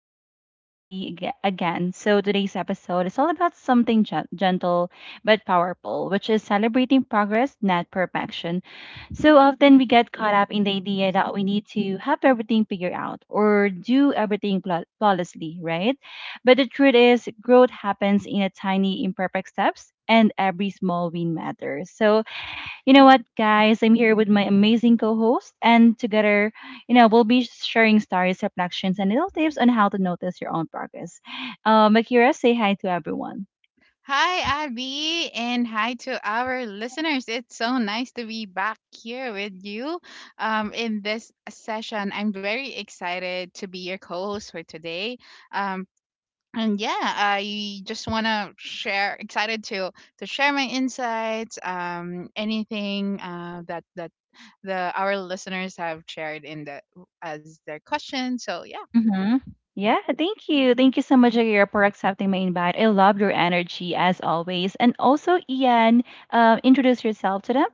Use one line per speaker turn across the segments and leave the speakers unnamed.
your host, Abby, again. So today's episode is all about something gentle but powerful, which is celebrating progress, not perfection. So often we get caught up in the idea that we need to have everything figured out or do everything flawlessly, right? But the truth is, growth happens in a tiny, imperfect steps, and every small win matters. So you know what, guys? I'm here with my amazing co host, and together, we'll be sharing stories, reflections, and little tips on how to notice your own progress. Akira, say hi to everyone.
Hi, Abby, and hi to our listeners. It's so nice to be back here with you in this session. I'm very excited to be your co host for today. Um, and yeah, I just want to share, excited to share my insights, anything that the our listeners have shared in the as their question. So yeah,
Mm-hmm. Yeah, thank you. Thank you so much, Aguirre, for accepting my invite. I love your energy as always. And also, Ian, introduce yourself to them.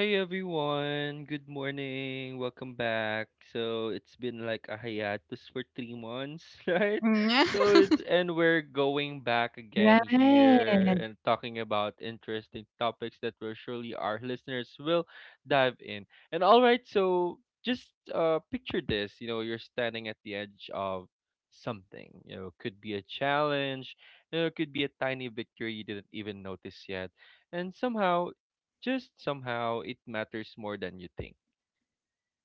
Hey everyone, good morning. Welcome back. So it's been like a hiatus for 3 months, right? So it, and We're going back again here
Right.
and talking about interesting topics that will surely our listeners will dive in. And all right, so just picture this, you know, you're standing at the edge of something. You know, could be a challenge, you know, it could be a tiny victory you didn't even notice yet, and somehow just somehow it matters more than you think.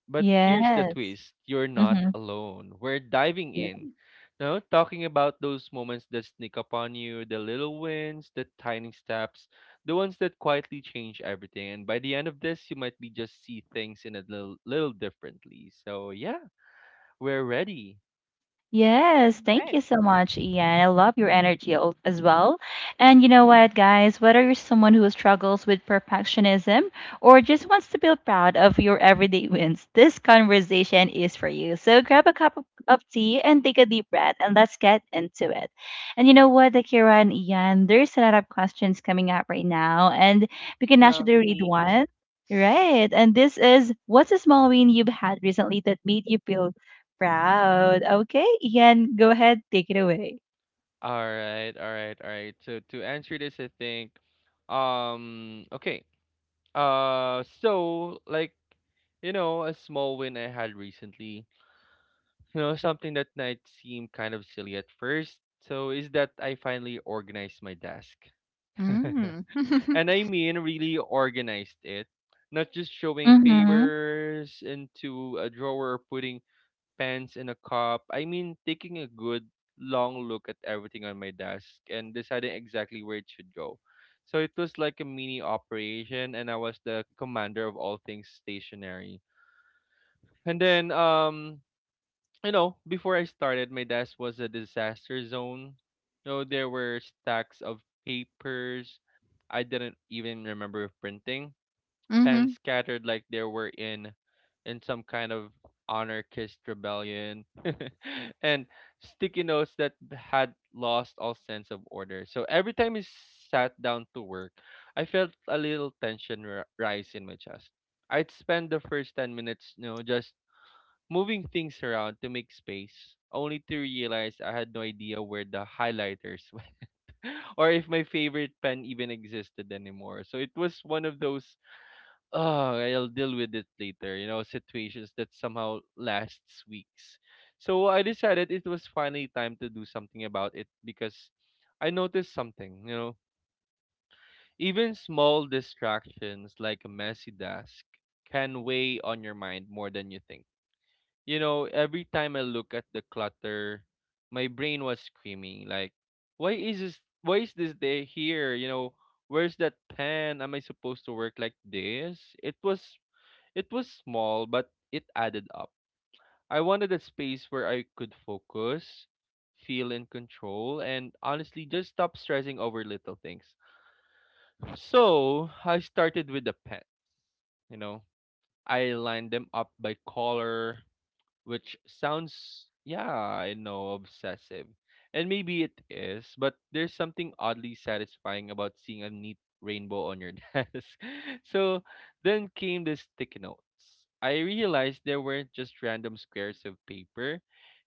But here's the
Yes.
twist, you're not
Mm-hmm.
alone. We're diving in. No, talking about those moments that sneak up on you, the little wins, the tiny steps, the ones that quietly change everything. And by the end of this, you might be just see things in a little, little differently. So yeah, we're ready.
Yes, thank
right,
you so much, Ian. I love your energy as well. And you know what, guys, whether you're someone who struggles with perfectionism or just wants to feel proud of your everyday wins, this conversation is for you. So grab a cup of tea and take a deep breath and let's get into it. And you know what, Akira and Ian, there's a lot of questions coming up right now, and we can actually read
lovely.
one. Right. And this is, what's a small win you've had recently that made you feel proud? Okay, Ian, go ahead, take it away.
All right, all right, all right. So to answer this, I think, um, okay. Uh, so like, you know, a small win I had recently, you know, something that might seem kind of silly at first. So is that I finally organized my desk.
Mm.
And I mean really organized it. Not just showing
Mhm.
papers into a drawer or putting pens and a cup. I mean, taking a good long look at everything on my desk and deciding exactly where it should go. So it was like a mini operation, and I was the commander of all things stationary. And then, you know, before I started, my desk was a disaster zone. You know, there were stacks of papers I didn't even remember printing, pens
Mm-hmm.
scattered like they were in some kind of anarchist rebellion, and sticky notes that had lost all sense of order. So every time I sat down to work, I felt a little tension rise in my chest. I'd spend the first 10 minutes, you know, just moving things around to make space, only to realize I had no idea where the highlighters went or if my favorite pen even existed anymore. So it was one of those, oh, okay, I'll deal with it later, you know, situations that somehow lasts weeks. So I decided it was finally time to do something about it because I noticed something, you know, even small distractions like a messy desk can weigh on your mind more than you think. You know, every time I look at the clutter, my brain was screaming like, why is this day here? You know, where's that pen? Am I supposed to work like this? It was small, but it added up. I wanted a space where I could focus, feel in control, and honestly just stop stressing over little things. So I started with the pen, you know. I lined them up by color, which sounds, yeah, I know, obsessive. And maybe it is, but there's something oddly satisfying about seeing a neat rainbow on your desk. So then came the sticky notes. I realized they weren't just random squares of paper.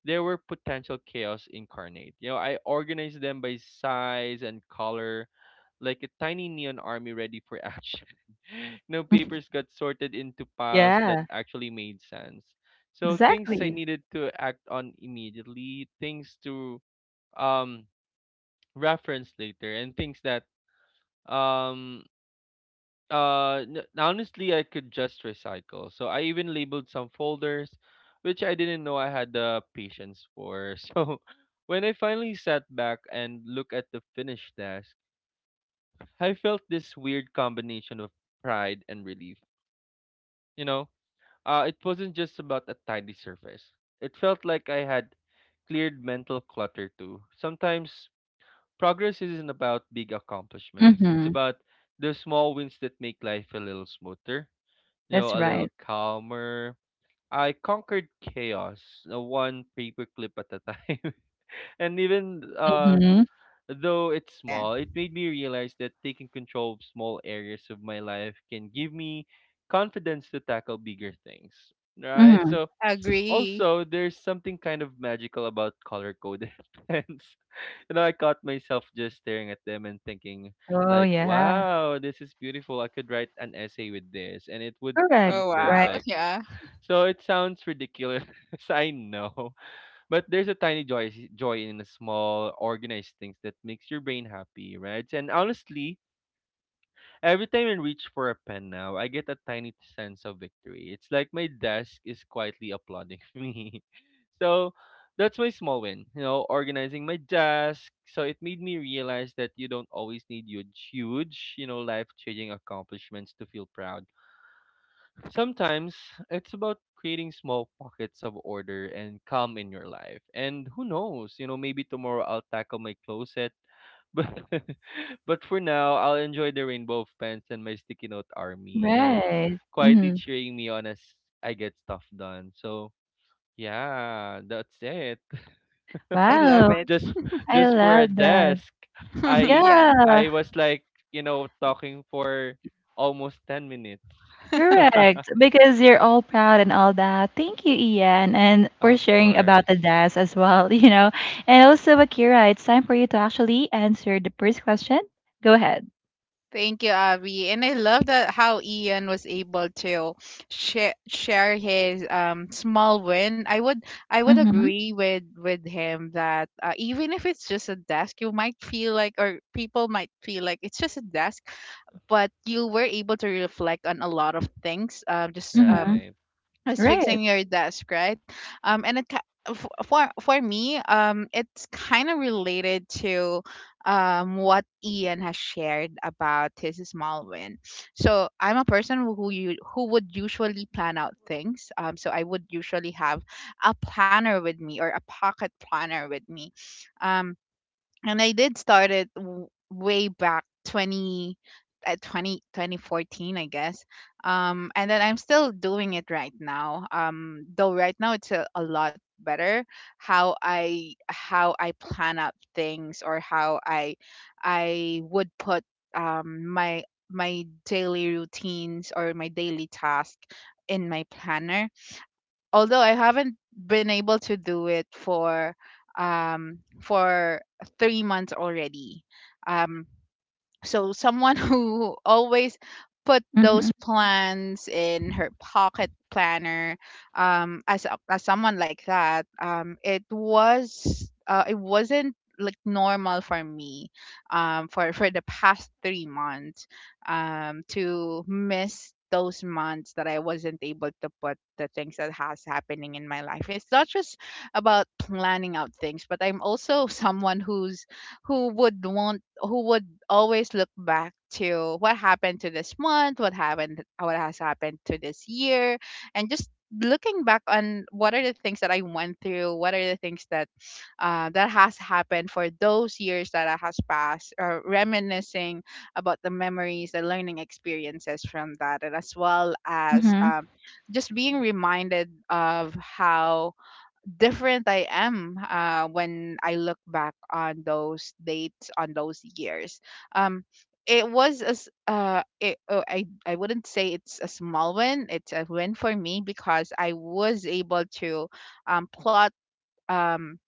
They were potential chaos incarnate. You know, I organized them by size and color, like a tiny neon army ready for action. No papers got sorted into piles that
Yeah,
actually made sense. So things I
exactly.
needed to act on immediately, things to um reference later, and things that um honestly I could just recycle. So I even labeled some folders, which I didn't know I had the patience for. So when I finally sat back and looked at the finished desk, I felt this weird combination of pride and relief. You know, it wasn't just about a tidy surface. It felt like I had cleared mental clutter too. Sometimes progress isn't about big accomplishments, it's
Mhm.
about the small wins that make life a little smoother, you know,
That's
a little
right.
calmer. I conquered chaos, one paperclip at a time. And even
Mhm.
though it's
Yeah.
small, it made me realize that taking control of small areas of my life can give me confidence to tackle bigger things. Right?
Mhm.
So,
Agree.
also, there's something kind of magical about color-coded pens. You know, I caught myself just staring at them and thinking,
Oh,
like,
yeah.
wow, this is beautiful. I could write an essay with this and it would
Correct.
be
Oh
Right,
wow.
perfect.
Yeah.
So it sounds ridiculous, I know, but there's a tiny joy in the small organized things that makes your brain happy, right? And honestly, every time I reach for a pen now, I get a tiny sense of victory. It's like my desk is quietly applauding me. So that's my small win, you know, organizing my desk. So it made me realize that you don't always need huge, you know, life changing accomplishments to feel proud. Sometimes it's about creating small pockets of order and calm in your life. And who knows, you know, maybe tomorrow I'll tackle my closet, but but for now, I'll enjoy the rainbow of pens and my sticky note army, you know,
right.
quietly
Mhm.
cheering me on as I get stuff done. So yeah, that's it.
I love
Wow,
it.
Just
I
just for a
love that.
desk. I
Yeah.
Yeah,
I was like, you know, talking for almost 10 minutes.
correct. Because you're all proud and all that. Thank you, Ian, and for
Of
sharing about the
course.
dance as well, And also, Akira, it's time for you to actually answer the first question. Go ahead.
Thank you, Avi. And I love that how Ian was able to share his small win. I would
Mhm.
agree with him that even if it's just a desk, you might feel like or people might feel like it's just a desk, but you were able to reflect on a lot of things. Just
Mhm.
Right.
Was
Right.
fixing your desk, right? And it ki- f- for me, it's kind of related to what Ian has shared about his small win. So I'm a person who you who would usually plan out things. So I would usually have a planner with me or a pocket planner with me. Um, and I did start it way back 20, at 20, 2014, I guess, and then I'm still doing it right now, though right now it's a lot better how I plan out things, or how I would put um my my daily routines or my daily task in my planner, although I haven't been able to do it for um for 3 months already. Um so someone who always put those
Mhm.
plans in her pocket planner, as someone like that, it was it wasn't like normal for me, for the past 3 months, to miss those months that I wasn't able to put the things that has happening in my life. It's not just about planning out things, but I'm also someone who would always look back to what happened to this month, what has happened to this year, and just looking back on what are the things that I went through, what are the things that that has happened for those years that I has passed, or reminiscing about the memories, the learning experiences from that, and as well as,
Mhm.
just being reminded of how different I am, when I look back on those dates, on those years. Um, it was as it, oh, I wouldn't say it's a small win. It's a win for me because I was able to, plot, um,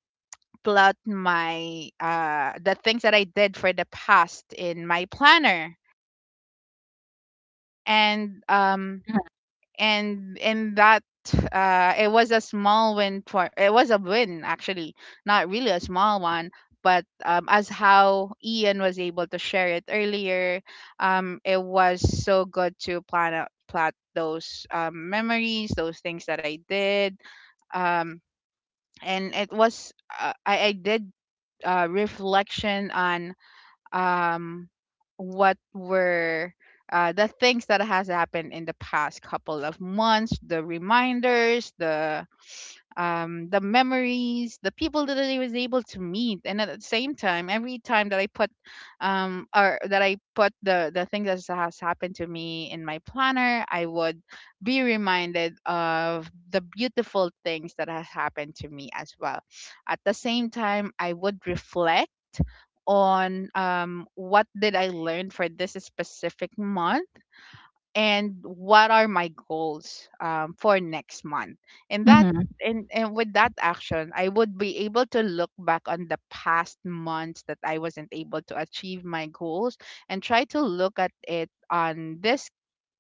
plot my the things that I did for the past in my planner, and um
Mhm.
and in that, it was a small win for it was a win, actually, not really a small one, but, as how Ian was able to share it earlier, it was so good to plan out, plot those, memories, those things that I did, um and it was, I did reflection on, um what were, the things that has happened in the past couple of months, the reminders, the memories, the people that I was able to meet. And at the same time, every time that I put or that I put the thing that has happened to me in my planner, I would be reminded of the beautiful things that has happened to me as well. At the same time, I would reflect on, what did I learn for this specific month, and what are my goals, for next month. And that
Mhm.
and with that action, I would be able to look back on the past months that I wasn't able to achieve my goals, and try to look at it on this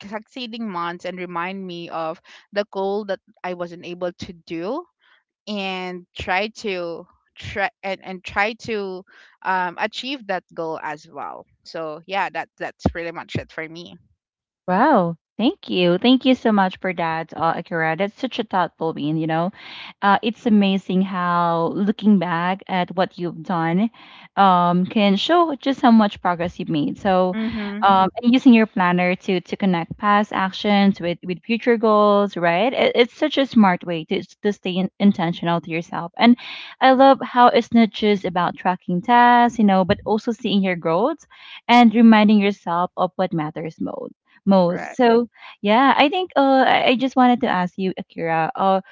succeeding months, and remind me of the goal that I wasn't able to do, and try to try and try to achieve that goal as well. So yeah, that's pretty much it for me.
Wow. Thank you. Thank you so much for that, Akira. That's such a thoughtful win. It's amazing how looking back at what you've done can show just how much progress you've made. So,
Mm-hmm.
and using your planner to connect past actions with future goals, right? It's such a smart way to stay intentional to yourself. And I love how it's not just about tracking tasks, but also seeing your growth and reminding yourself of what matters most.
Right.
So yeah, I think I just wanted to ask you, Akira,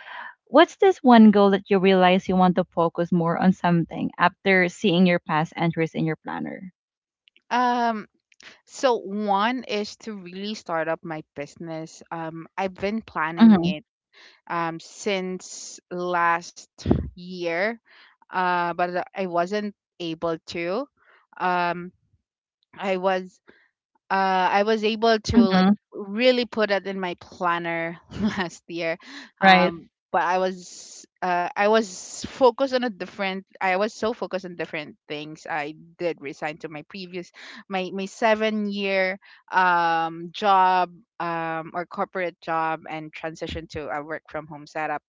what's this one goal that you realize you want to focus more on something after seeing your past entries in your planner?
Um so one is to really start up my business. I've been planning
Mm-hmm.
it since last year, but I wasn't able to, um I was uh, I was able to, like,
Mm-hmm.
really put it in my planner last year.
Right.
But I was, I was focused on a different. I was so focused on different things. I did resign to my previous, my 7-year job, or corporate job, and transition to a work from home setup,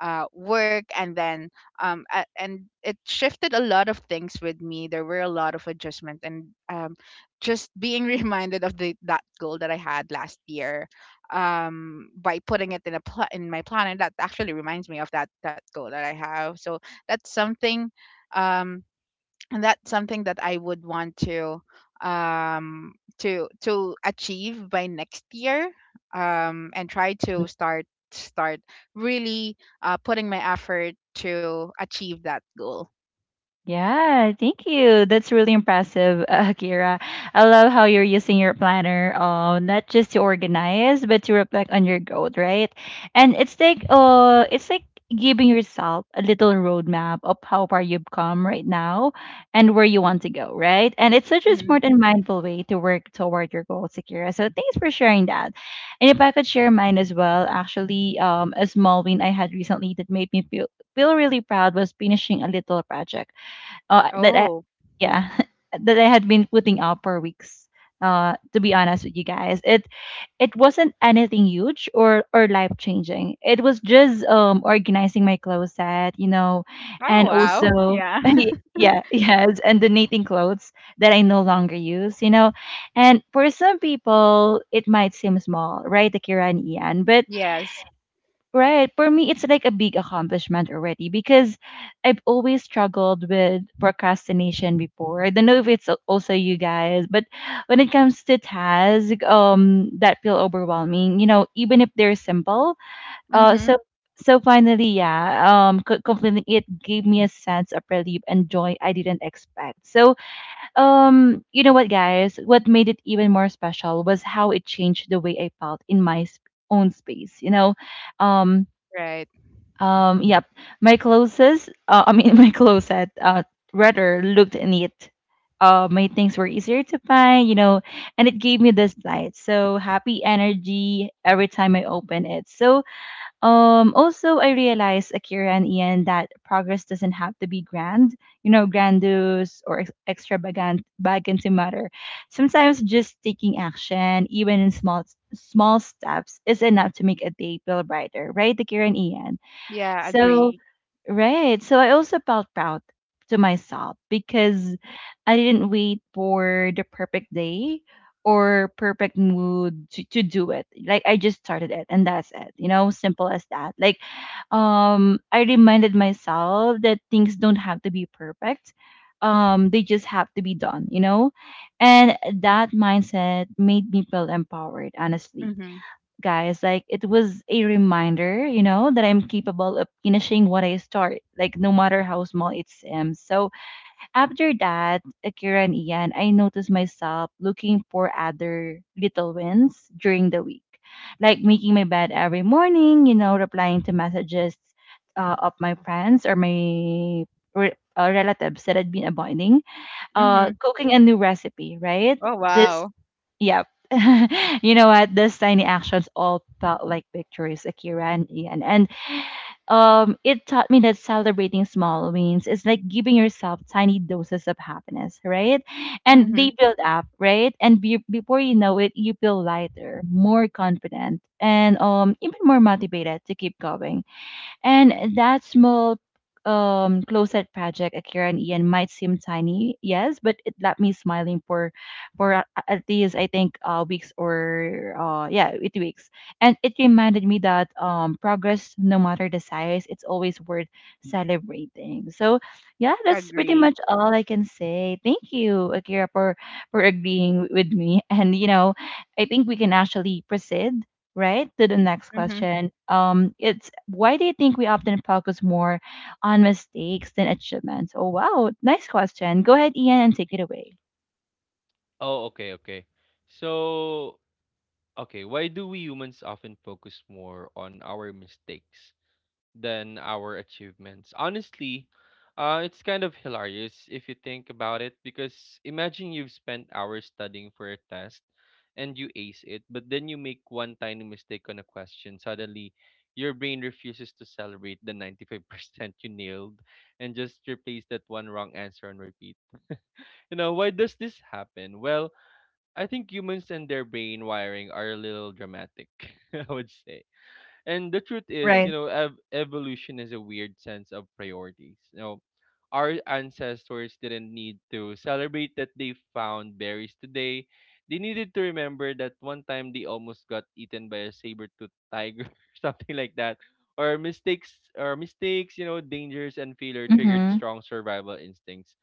work. And then, and it shifted a lot of things with me. There were a lot of adjustment, and, just being reminded of the that goal that I had last year, by putting it in my plan, and that actually reminds me of that goal that I have. So that's something, um, and that's something that I would want to, um achieve by next year, and try to start really, putting my effort to achieve that goal.
Yeah, thank you. That's really impressive, Akira. I love how you're using your planner, not just to organize, but to reflect on your growth, right? And it's like giving yourself a little roadmap of how far you've come right now and where you want to go, right? And it's such a
Mhm.
smart and mindful way to work toward your goals, Akira. So thanks for sharing that. And if I could share mine as well, actually, a small win I had recently that made me feel really proud was finishing a little project uh, that I,
Oh,
yeah, that I had been putting out for weeks. To be honest with you guys, it wasn't anything huge or life changing. It was just organizing my closet,
oh,
and
wow,
also
yeah,
y- yeah, yes, and donating clothes that I no longer use. And for some people, it might seem small, right, Akira and Ian, but.
yes.
Right. For me, it's like a big accomplishment already because I've always struggled with procrastination before. I don't know if it's also you guys, but when it comes to task, that feel overwhelming. You know, even if they're simple. Uh,
Hmm.
so so finally, yeah, completing it gave me a sense of relief and joy I didn't expect. So, you know what, guys? What made it even more special was how it changed the way I felt in my own space. You know, um
Right.
yep. My clothes, I mean, my closet, rather looked neat. My things were easier to find, and it gave me this light. So happy energy every time I open it. So, also I realized, Akira and Ian, that progress doesn't have to be grand, grandiose or extravagant to matter. Sometimes just taking action, even in small steps, is enough to make a day feel brighter, right, Akira and Ian?
Yeah, agree.
So, right. So I also felt proud to myself because I didn't wait for the perfect day or perfect mood to do it. Like I just started it and that's it. You know, simple as that. Like I reminded myself that things don't have to be perfect. They just have to be done, you know? And that mindset made me feel empowered, honestly
Mhm.
guys. Like it was a reminder, that I'm capable of finishing what I start, like no matter how small it seems. So after that, Akira and Ian, I noticed myself looking for other little wins during the week, like making my bed every morning, replying to messages of my friends or my relatives that had been avoiding,
Mhm.
cooking a new recipe, right?
Oh
This
wow.
Yep. you know what? Those tiny actions all felt like victories, Akira and Ian. And it taught me that celebrating small wins is like giving yourself tiny doses of happiness, right? And
Mhm.
they build up, right? And before you know it, you feel lighter, more confident, and even more motivated to keep going. And that small closet project, Akira and Ian, might seem tiny, yes, but it left me smiling for at least I think weeks or yeah, 8 weeks. And it reminded me that progress, no matter the size, it's always worth celebrating. So yeah, that's pretty
Agree.
much all I can say. Thank you, Akira, for agreeing with me. And you know, I think we can actually proceed right to the next
Mhm.
question. It's, why do you think we often focus more on mistakes than achievements? Oh wow, nice question. Go ahead, Ian, and take it away.
Oh, okay, okay. So, okay, why do we humans often focus more on our mistakes than our achievements? Honestly, it's kind of hilarious if you think about it because imagine you've spent hours studying for a test and you ace it, but then you make one tiny mistake on a question. Suddenly, your brain refuses to celebrate the 95% you nailed and just replace that one wrong answer on repeat. You know, why does this happen? Well, I think humans and their brain wiring are a little dramatic, I would say. And the truth is, you
Right.
know, evolution is a weird sense of priorities. You know, our ancestors didn't need to celebrate that they found berries today. They needed to remember that one time they almost got eaten by a saber-toothed tiger or something like that. Or mistakes, you know, dangers and failure triggered
Mm-hmm.
strong survival instincts,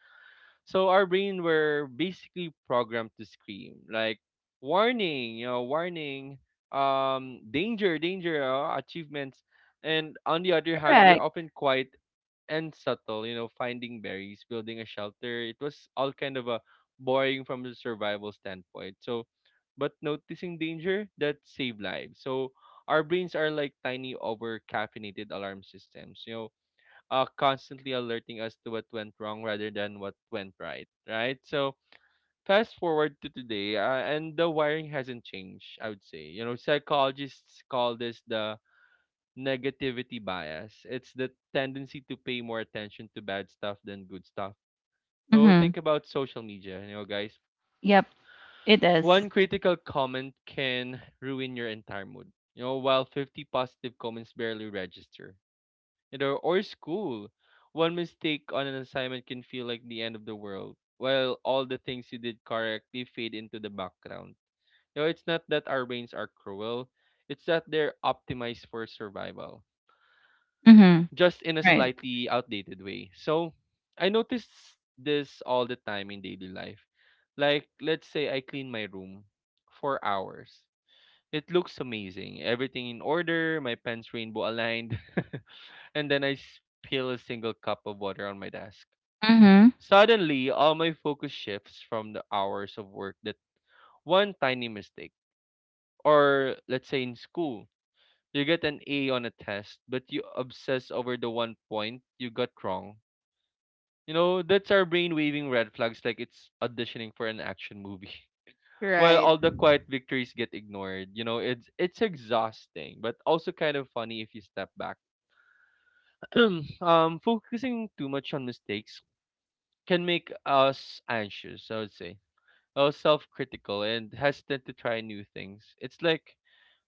so our brain were basically programmed to scream like warning, you know, danger, achievements. And on the other hand, we're
Correct.
often quite and subtle, you know, finding berries, building a shelter. It was all kind of a boring from the survival standpoint. So, but noticing danger that saved lives. So our brains are like tiny over caffeinated alarm systems. You know, constantly alerting us to what went wrong rather than what went right, right? So fast forward to today, and the wiring hasn't changed. I would say, you know, psychologists call this the negativity bias. It's the tendency to pay more attention to bad stuff than good stuff. So
Mm-hmm.
think about social media, you know, guys.
Yep, it is.
One critical comment can ruin your entire mood. You know, while 50 positive comments barely register. You know, or school. One mistake on an assignment can feel like the end of the world, while all the things you did correctly fade into the background. You know, it's not that our brains are cruel, it's that they're optimized for survival,
Mm-hmm.
just in a
Right.
slightly outdated way. So, I notice this all the time in daily life. Like, let's say I clean my room for hours. It looks amazing. Everything in order, my pen's rainbow aligned. And then I spill a single cup of water on my desk.
Mm-hmm.
Suddenly, all my focus shifts from the hours of work that one tiny mistake, or let's say in school, you get an A on a test, but you obsess over the one point you got wrong. You know, that's our brain waving red flags like it's auditioning for an action movie. While
Right.
all the quiet victories get ignored, you know, it's exhausting, but also kind of funny if you step back. Focusing too much on mistakes can make us anxious, I would say, self critical, and hesitant to try new things. It's like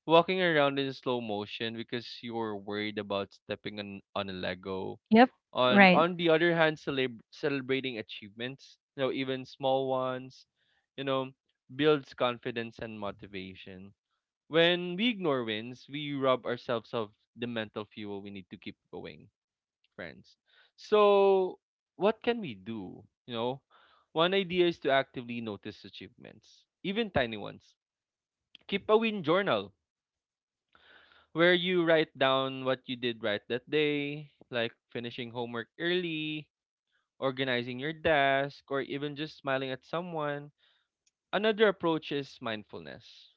walking around in slow motion because you're worried about stepping on a Lego.
Yep. Right.
On the other hand, celebrating achievements, you know, even small ones, you know, builds confidence and motivation. When we ignore wins, we rob ourselves of the mental fuel we need to keep going, friends. So, what can we do? You know, one idea is to actively notice achievements, even tiny ones. Keep a win journal where you write down what you did right that day, like finishing homework early, organizing your desk, or even just smiling at someone. Another approach is mindfulness.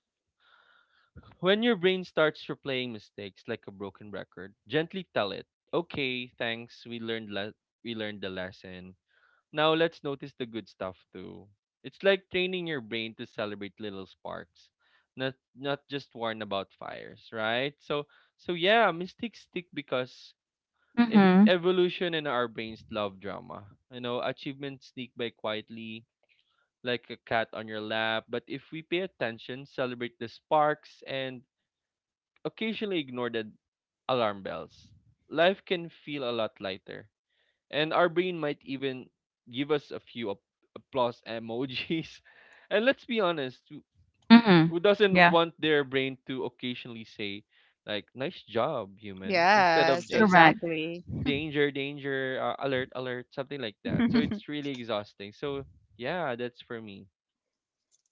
When your brain starts replaying mistakes like a broken record, gently tell it, "Okay, thanks. We learned we learned the lesson. Now let's notice the good stuff too. It's like training your brain to celebrate little sparks, not just warn about fires, right? So yeah, mistakes stick because if
Mm-hmm.
evolution and our brains love drama. You know, achievements sneak by quietly like a cat on your lap, but if we pay attention, celebrate the sparks and occasionally ignore the alarm bells, life can feel a lot lighter and our brain might even give us a few applause emojis. And let's be honest, who
Mm-hmm.
who doesn't
Yeah.
want their brain to occasionally say, like, nice job, human, instead of
Yes,
just
Correct.
exactly.
danger, danger, alert, alert, something like that. So it's really exhausting. So, yeah, that's for me.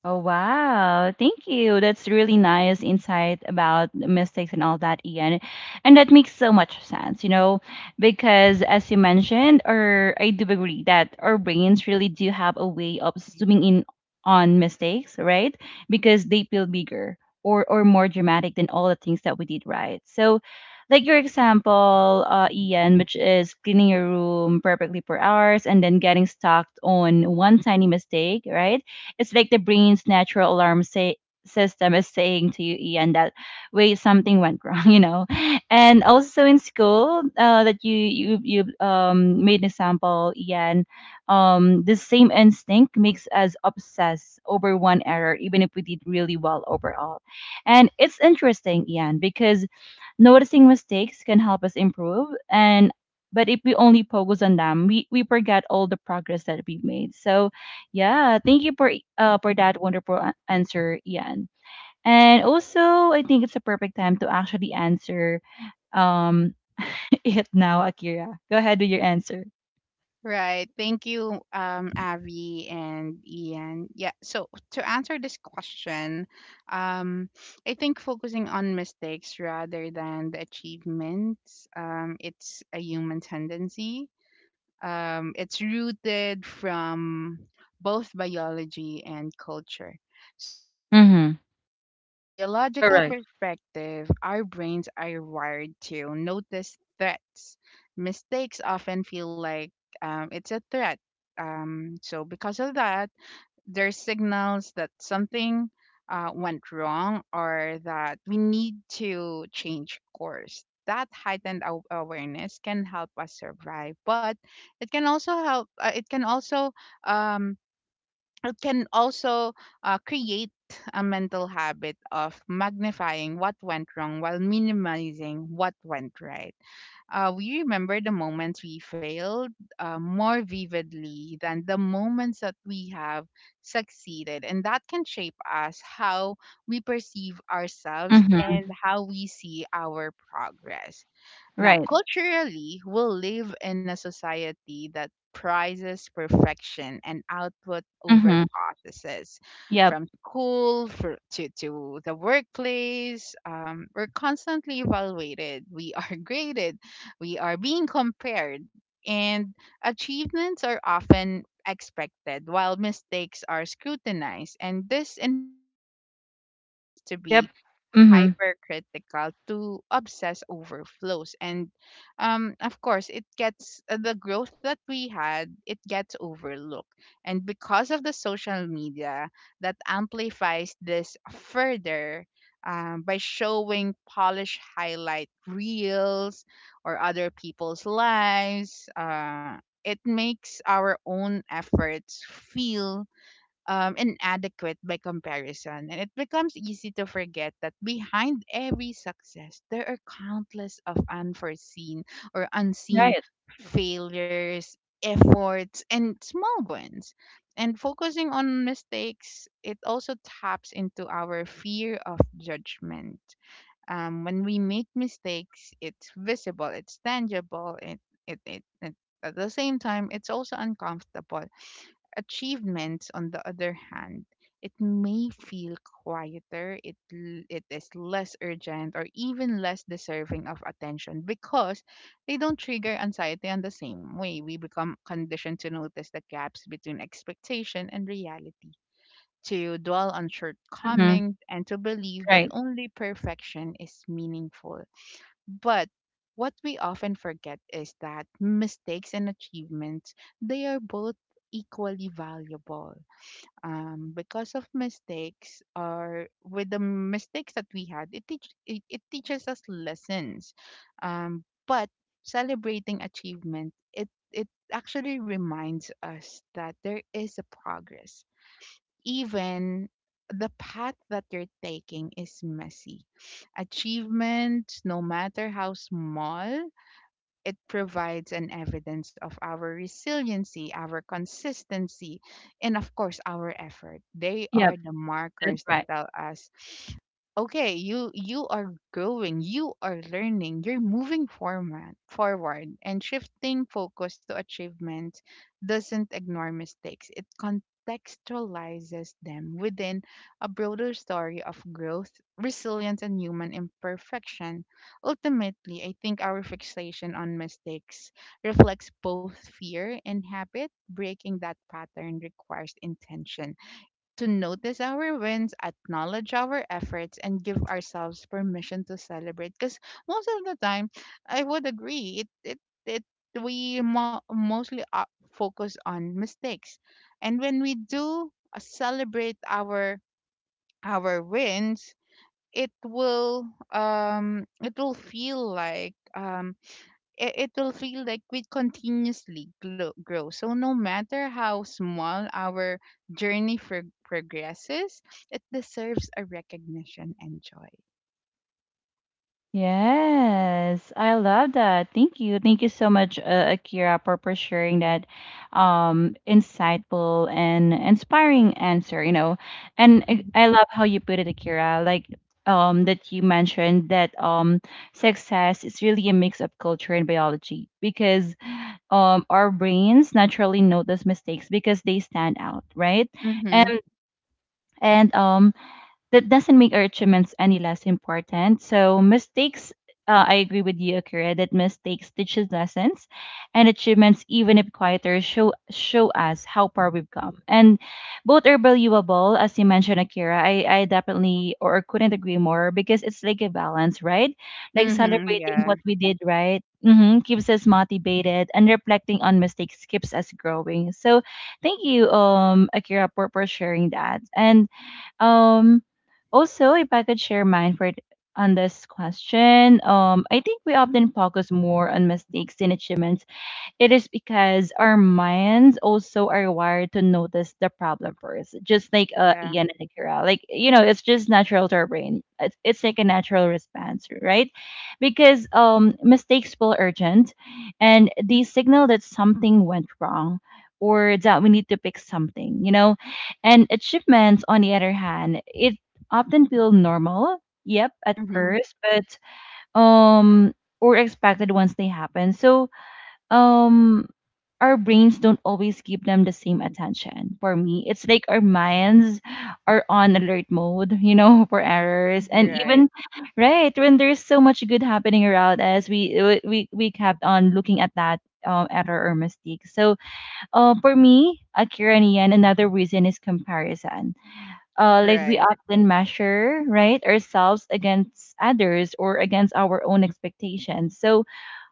Oh, wow. Thank you. That's really nice insight about mistakes and all that, Ian. And that makes so much sense, because as you mentioned, or I do agree that our brains really do have a way of zooming in on mistakes, right? Because they feel bigger or more dramatic than all the things that we did right. So, like your example, Ian, which is cleaning your room perfectly for hours and then getting stuck on one tiny mistake, right? It's like the brain's natural alarm system is saying to you, Ian, that wait, something went wrong, And also in school, that you made an example, Ian. The same instinct makes us obsess over one error, even if we did really well overall. And it's interesting, Ian, because noticing mistakes can help us improve, and but if we only focus on them, we forget all the progress that we've made. So yeah, thank you for that wonderful answer, Ian. And also, I think it's a perfect time to actually answer um it now, Akira. Go ahead with your answer.
Right. Thank you, Avi and Ian. Yeah. So to answer this question, um, I think focusing on mistakes rather than the achievements, it's a human tendency. It's rooted from both biology and culture. So, for
Mm-hmm.
from a biological
Correct.
perspective, our brains are wired to notice threats. Mistakes often feel like, it's a threat. So, because of that, there's signals that something, went wrong, or that we need to change course. That heightened awareness can help us survive, but it can also help. It can also um, it can also create a mental habit of magnifying what went wrong while minimizing what went right. We remember the moments we failed, more vividly than the moments that we have succeeded. And that can shape us how we perceive ourselves
Mm-hmm.
and how we see our progress. Now,
Right.
culturally, we live in a society that prizes perfection and output over
Mm-hmm.
processes.
Yep.
From school to the workplace, we're constantly evaluated, we are graded, we are being compared, and achievements are often expected while mistakes are scrutinized. And this environment, it trains us to
Yep.
be
Mm-hmm.
hypercritical, to obsess over flows, and, of course it gets, the growth that we had, it gets overlooked. And because of the social media that amplifies this further, by showing polished highlight reels or other people's lives, it makes our own efforts feel, inadequate by comparison. And it becomes easy to forget that behind every success, there are countless of unforeseen or unseen
Right.
failures, efforts, and small wins. And focusing on mistakes, it also taps into our fear of judgment. When we make mistakes, it's visible, it's tangible, it, at the same time, it's also uncomfortable. Achievements, on the other hand, it may feel quieter, it is less urgent, or even less deserving of attention, because they don't trigger anxiety in the same way. We become conditioned to notice the gaps between expectation and reality, to dwell on
Mm-hmm.
shortcomings, and to believe that
Right.
only perfection is meaningful. But what we often forget is that mistakes and achievements, they are both equally valuable, because of mistakes, or with the mistakes that we had, it teaches us lessons, but celebrating achievement, it actually reminds us that there is a progress, even the path that you're taking is messy. Achievement, no matter how small, it provides an evidence of our resiliency, our consistency, and of course, our effort. They
Yep.
are the
That's
markers that
right.
tell us, okay, you are growing, you are learning, you're moving forward. And shifting focus to achievement doesn't ignore mistakes, it contextualizes them within a broader story of growth, resilience, and human imperfection. Ultimately, I think our fixation on mistakes reflects both fear and habit. Breaking that pattern requires intention to notice our wins, acknowledge our efforts, and give ourselves permission to celebrate. Because most of the time, I would agree, it we mostly focus on mistakes. And when we do, celebrate our wins, it will it will feel like, we continuously grow, so no matter how small our journey for progresses, it deserves a recognition and joy.
Yes, I love that. Thank you. Thank you so much, Akira, for sharing that insightful and inspiring answer. And I love how you put it, Akira, like that you mentioned that success is really a mix of culture and biology because our brains naturally notice mistakes because they stand out, right? And
Mm-hmm.
and that doesn't make our achievements any less important. So mistakes, I agree with you, Akira, that mistakes teaches lessons, and achievements, even if quieter, show us how far we've come. And both are valuable, as you mentioned, Akira. I definitely or couldn't agree more because it's like a balance, right? Like
Mm-hmm.
celebrating what
Yeah.
we did right. Keeps us motivated and reflecting on mistakes keeps us growing. So thank you, Akira, for sharing that. And um also, if I could share mine for on this question, I think we often focus more on mistakes than achievements. It is because our minds also are wired to notice the problem first, just like
Yeah.
Ian and Akira. Like, it's just natural to our brain. It's like a natural response, right? Because mistakes feel urgent and they signal that something went wrong or that we need to fix something, you know? And achievements, on the other hand, it often feel normal, yep, at
Mm-hmm.
first, but um, or expected once they happen. So, um our brains don't always give them the same attention. For me, it's like our minds are on alert mode, you know, for errors. And
You're
even
right.
right when there's so much good happening around us, we kept on looking at that error or mistake. So, for me, Akira and Ian, another reason is comparison. Like we
Right.
often measure right ourselves against others or against our own expectations. So,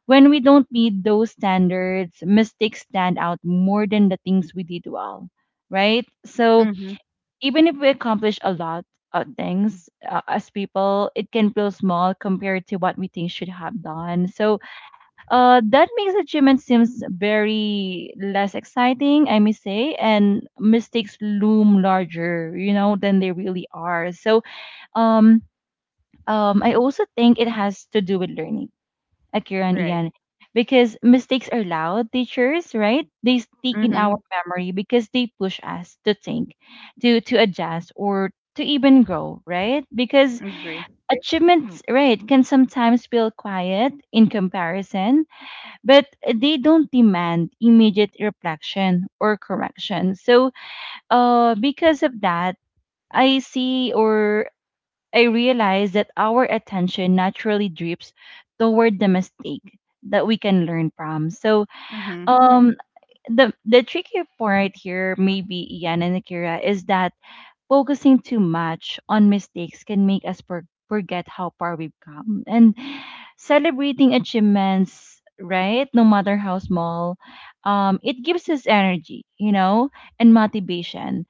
when we don't meet those standards, mistakes stand out more than the things we did well, right? So
Mm-hmm.
even if we accomplish a lot of things as people, it can feel small compared to what we think should have done. So that makes achievement seems very less exciting, I may say, and mistakes loom larger, you know, than they really are. So um, I also think it has to do with learning Akira and
Right.
Ian, because mistakes are loud teachers, right? They stick in
Mm-hmm.
our memory because they push us to think, to adjust or to even grow, right? Because
Agree.
achievements, right, can sometimes feel quiet in comparison, but they don't demand immediate reflection or correction. So, because of that, I see or I realized that our attention naturally drifts toward the mistake that we can learn from. So,
Mm-hmm.
um, the tricky part here, maybe Ian and Akira, is that focusing too much on mistakes can make us forget how far we've come. And celebrating achievements, right, no matter how small, it gives us energy, you know, and motivation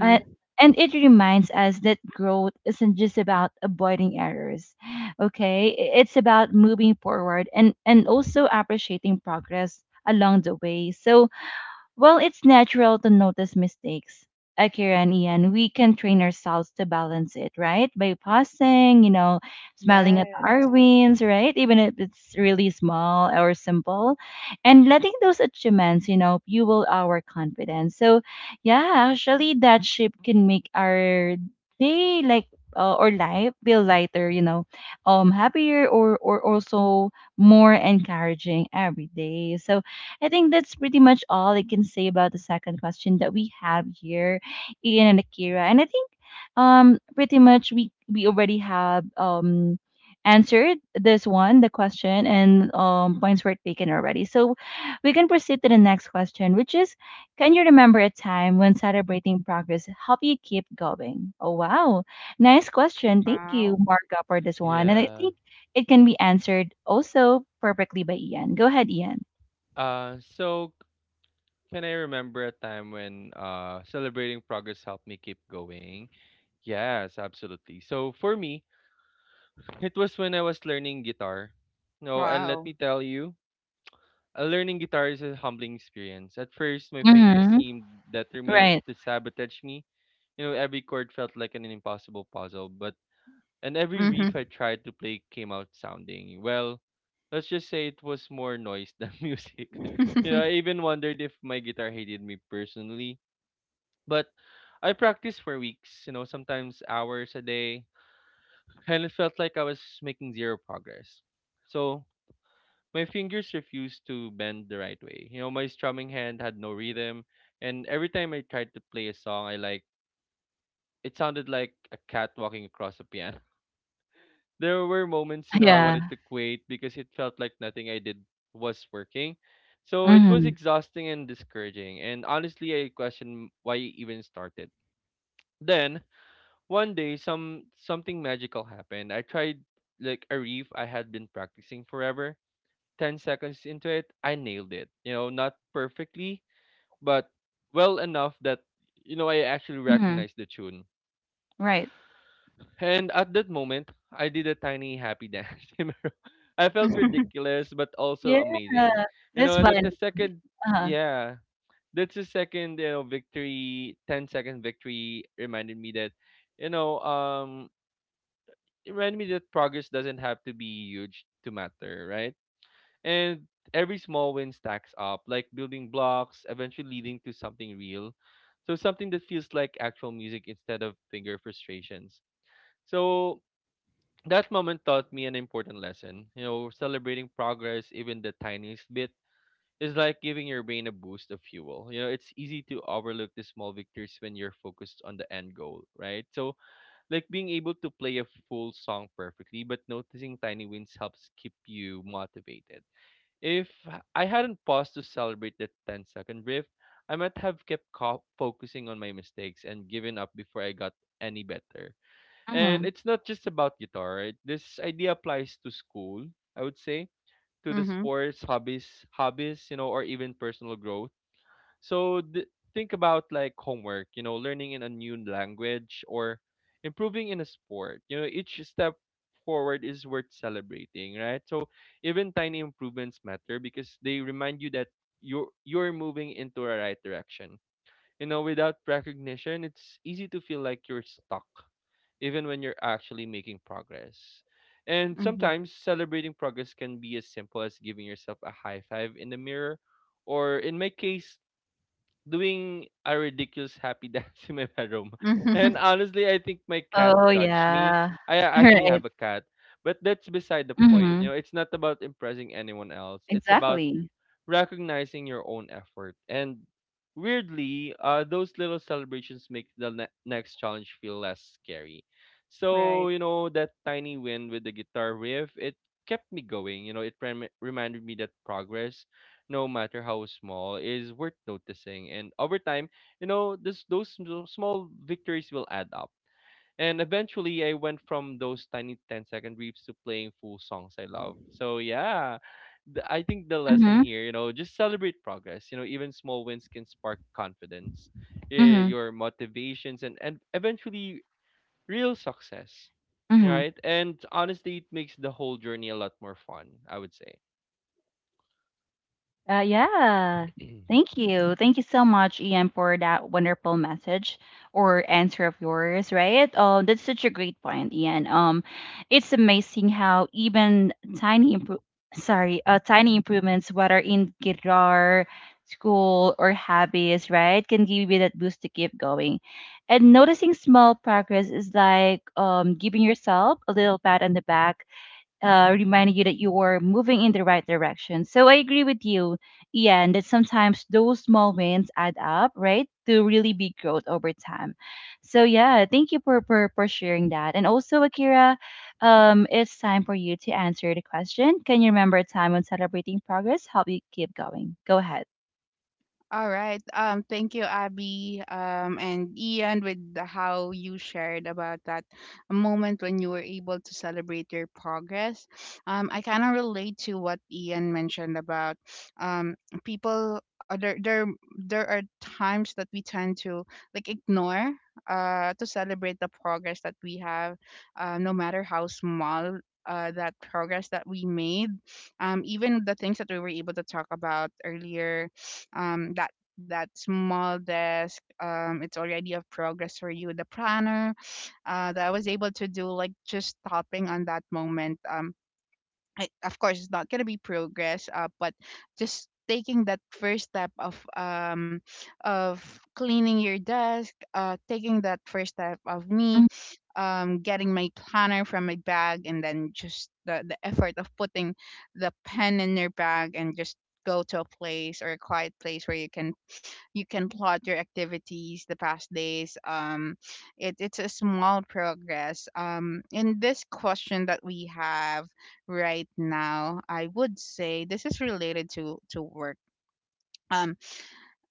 and, and it reminds us that growth isn't just about avoiding errors, okay? It's about moving forward and also appreciating progress along the way. So, well, it's natural to notice mistakes. Akira and Ian, we can train ourselves to balance it, right? By pausing, you know, smiling
Yeah.
at our wins, right? Even if it's really small or simple, and letting those achievements, you know, fuel our confidence. So, yeah, actually, that shape can make our day like. Or life feel lighter, you know, happier or also more encouraging every day. So I think that's pretty much all I can say about the second question that we have here, Ian and Akira. And I think pretty much we already have answered this one, the question, and points were taken already. So we can proceed to the next question, which is can you remember a time when celebrating progress helped you keep going? Oh, wow. Nice question. Thank you,
Wow.
Marga, for this one. And I
Yeah.
think it can be answered also perfectly by Ian. Go ahead, Ian.
So can I remember a time when celebrating progress helped me keep going? Yes, absolutely. So for me, it was when I was learning guitar. No, and let me
Wow.
tell you, learning guitar is a humbling experience. At first, my fingers
Hmm.
seemed determined
Right.
to sabotage me. You know, every chord felt like an impossible puzzle, but and every riff
Mm-hmm.
I tried to play came out sounding well. Let's just say it was more noise than music. You know, I even wondered if my guitar hated me personally. But I practiced for weeks, you know, sometimes hours a day, and it felt like I was making zero progress. So my fingers refused to bend the right way. You know, my strumming hand had no rhythm, and every time I tried to play a song I like, it sounded like a cat walking across a piano. There were moments, you know, I wanted
Yeah.
to quit because it felt like nothing I did was working. So it was
Hmm.
exhausting and discouraging, and honestly, I questioned why I even started. Then one day, something magical happened. I tried like a riff I had been practicing forever. 10 seconds into it, I nailed it. You know, not perfectly, but well enough that, you know, I actually
Hmm.
recognized the tune.
Right.
And at that moment, I did a tiny happy dance. You know? I felt
Mm-hmm.
ridiculous, but
Yeah.
also amazing. You
This
know,
one. Uh-huh.
yeah, that's the second, you know, victory. Ten-second victory reminded me that, you know, it reminded me that progress doesn't have to be huge to matter, right? And every small win stacks up, like building blocks, eventually leading to something real. So something that feels like actual music instead of finger frustrations. So that moment taught me an important lesson. You know, celebrating progress, even the tiniest bit, is like giving your brain a boost of fuel. You know, it's easy to overlook the small victories when you're focused on the end goal, right? So, like being able to play a full song perfectly, but noticing tiny wins helps keep you motivated. If I hadn't paused to celebrate that ten-second brief, I might have kept focusing on my mistakes and given up before I got any better. And
Hmm.
it's not just about guitar, right? This idea applies to school, I would say, to the sports, hobbies, you know, or even personal growth. So think about like homework, you know, learning in a new language or improving in a sport. You know, each step forward is worth celebrating, right? So even tiny improvements matter because they remind you that you're moving into a right direction. You know, without recognition, it's easy to feel like you're stuck, even when you're actually making progress. And
Mhm.
sometimes celebrating progress can be as simple as giving yourself a high five in the mirror or in my case doing a ridiculous happy dance in my bedroom. And
Mhm.
honestly, I think my cat
Oh
judged me.
yeah.
Actually
Right.
have a cat, but that's beside the point. You
Hmm.
know, it's not about impressing anyone else. It's about
Exactly.
recognizing your own effort. And weirdly, those little celebrations make the next challenge feel less scary. So,
Right.
you know, that tiny win with the guitar riff, it kept me going. You know, it reminded me that progress, no matter how small, is worth noticing. And over time, you know, those small victories will add up. And eventually, I went from those tiny ten-second riffs to playing full songs I love. So yeah, I think the lesson
Hmm.
here, you know, just celebrate progress. You know, even small wins can spark confidence,
Hmm.
your motivations, and eventually real success. All
Hmm.
right, and honestly, it makes the whole journey a lot more fun. I would say.
Yeah. Thank you. Thank you so much, Ian, for that wonderful message or answer of yours, right? Oh, that's such a great point, Ian. It's amazing how even sorry, tiny improvements, whether in guitar, school, or hobbies, right, can give you that boost to keep going. And noticing small progress is like giving yourself a little pat on the back, reminding you that you are moving in the right direction. So I agree with you, Ian, that sometimes those small wins add up, right, to really big growth over time. So yeah, thank you for sharing that. And also, Akira, it's time for you to answer the question. Can you remember a time when celebrating progress helped you keep going? Go ahead.
All right. Thank you, Abby, and Ian, with how you shared about that moment when you were able to celebrate your progress. I kind of relate to what Ian mentioned about um, people. There are times that we tend to like ignore to celebrate the progress that we have, no matter how small. That progress that we made, even the things that we were able to talk about earlier um, that that small desk it's already a progress for you the planner that I was able to do like just stopping on that moment of course it's not going to be progress but just taking that first step of cleaning your desk taking that first step of me getting my planner from my bag and then just the effort of putting the pen in your bag and just go to a place or a quiet place where you can plot your activities the past days it's a small progress in this question that we have right now I would say this is related to work um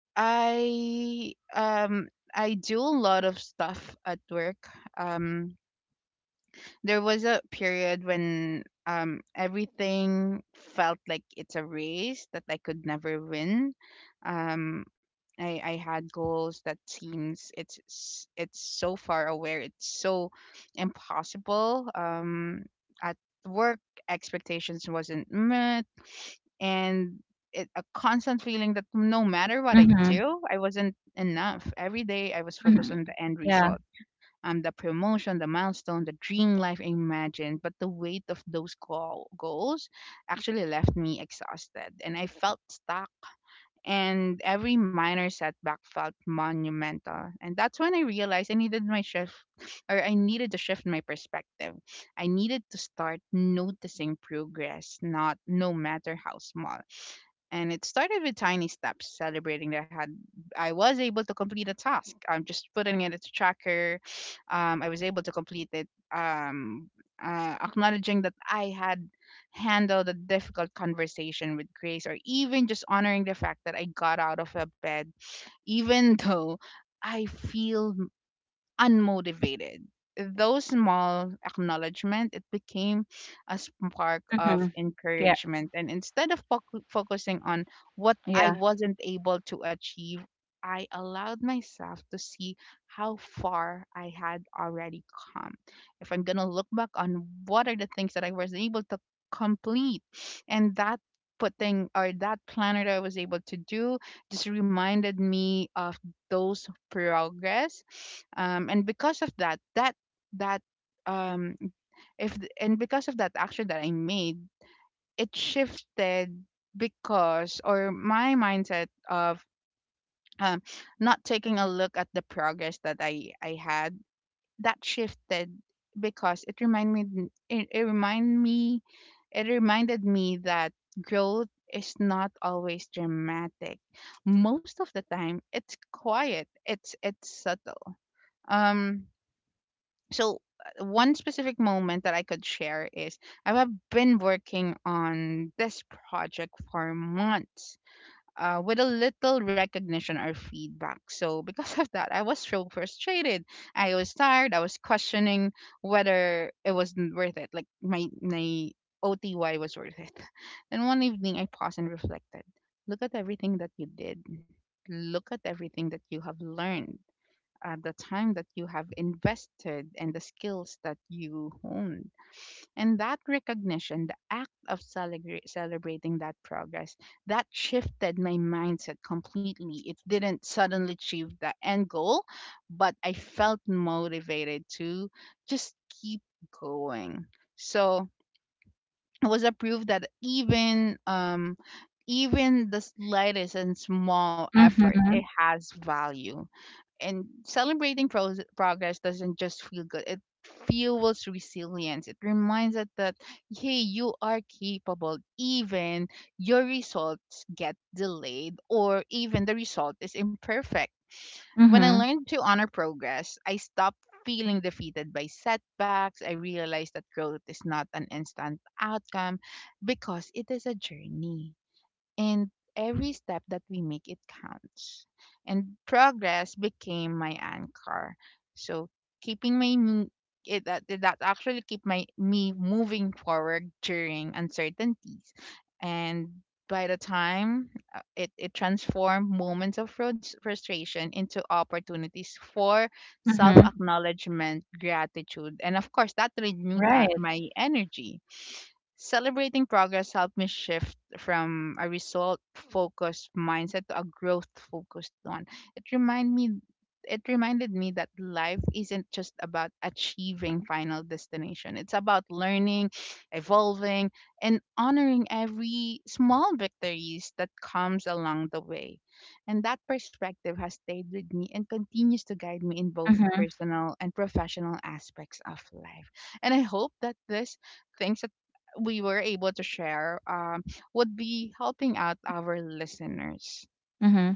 i um I do a lot of stuff at work um there was a period when everything felt like it's a race that I could never win. Um I had goals that seems it's so far away, it's so impossible. At work expectations wasn't met and a constant feeling that no matter what I
Mm-hmm.
do, I wasn't enough. Every day I was focused
Hmm.
on the end
Yeah.
result the promotion, the milestone, the dream life I imagined, but the weight of goals actually left me exhausted and I felt stuck and every minor setback felt monumental. And that's when I realized I needed my shift, or I needed to shift my perspective. I needed to start noticing progress, not no matter how small. And it started with tiny steps, celebrating that I was able to complete a task. I'm just putting it as a tracker. I was able to complete it. Um, acknowledging that I had handle the difficult conversation with grace or even just honoring the fact that I got out of a bed even though I feel unmotivated. Those small acknowledgement it became a spark
Mm-hmm.
of
Yeah.
encouragement, and instead of focusing on what I
Yeah.
wasn't able to achieve, I allowed myself to see how far I had already come. If I'm gonna look back on what are the things that I was able to complete, and that putting or that planner that I was able to do just reminded me of those progress and because of that that um, if th- and because of that action that I made, it shifted because or my mindset of um, not taking a look at the progress that I had that shifted because it reminded me it reminded me that growth is not always dramatic most of the time it's quiet it's subtle um, so one specific moment that I could share is I have been working on this project for months. With a little recognition or feedback. So, because of that, I was so frustrated. I was tired. I was questioning whether worth it. Like, my OTY was worth it. And one evening, I paused and reflected. Look at everything that you did. Look at everything that you have learned the time that you have invested and the skills that you honed. And that recognition, the act of celebrating that progress, that shifted my mindset completely. It didn't suddenly achieve the end goal, but I felt motivated to just keep going. So it was a proof that even even the slightest and small effort it
Mm-hmm.
has value and celebrating progress doesn't just feel good it fuels resilience it reminds us that hey you are capable even your results get delayed or even the result is imperfect when I
Mm-hmm.
learned to honor progress I stopped feeling defeated by setbacks I realized that growth is not an instant outcome because it is a journey and every step that we make it counts and progress became my anchor so keeping my m- it that actually keep my me moving forward during uncertainties and by the time it transformed moments of frustration into opportunities for self
Mm-hmm.
acknowledgement, gratitude, and of course, that renewed
Right.
my energy celebrating progress helped me shift from a result focused mindset to a growth focused one. It remind me it reminded me that life isn't just about achieving final destination. It's about learning, evolving, and honoring every small victories that comes along the way. And that perspective has stayed with me and continues to guide me in both personal and professional aspects of life. And I hope that this things that we were able to share would be helping out our listeners.
Mm-hmm.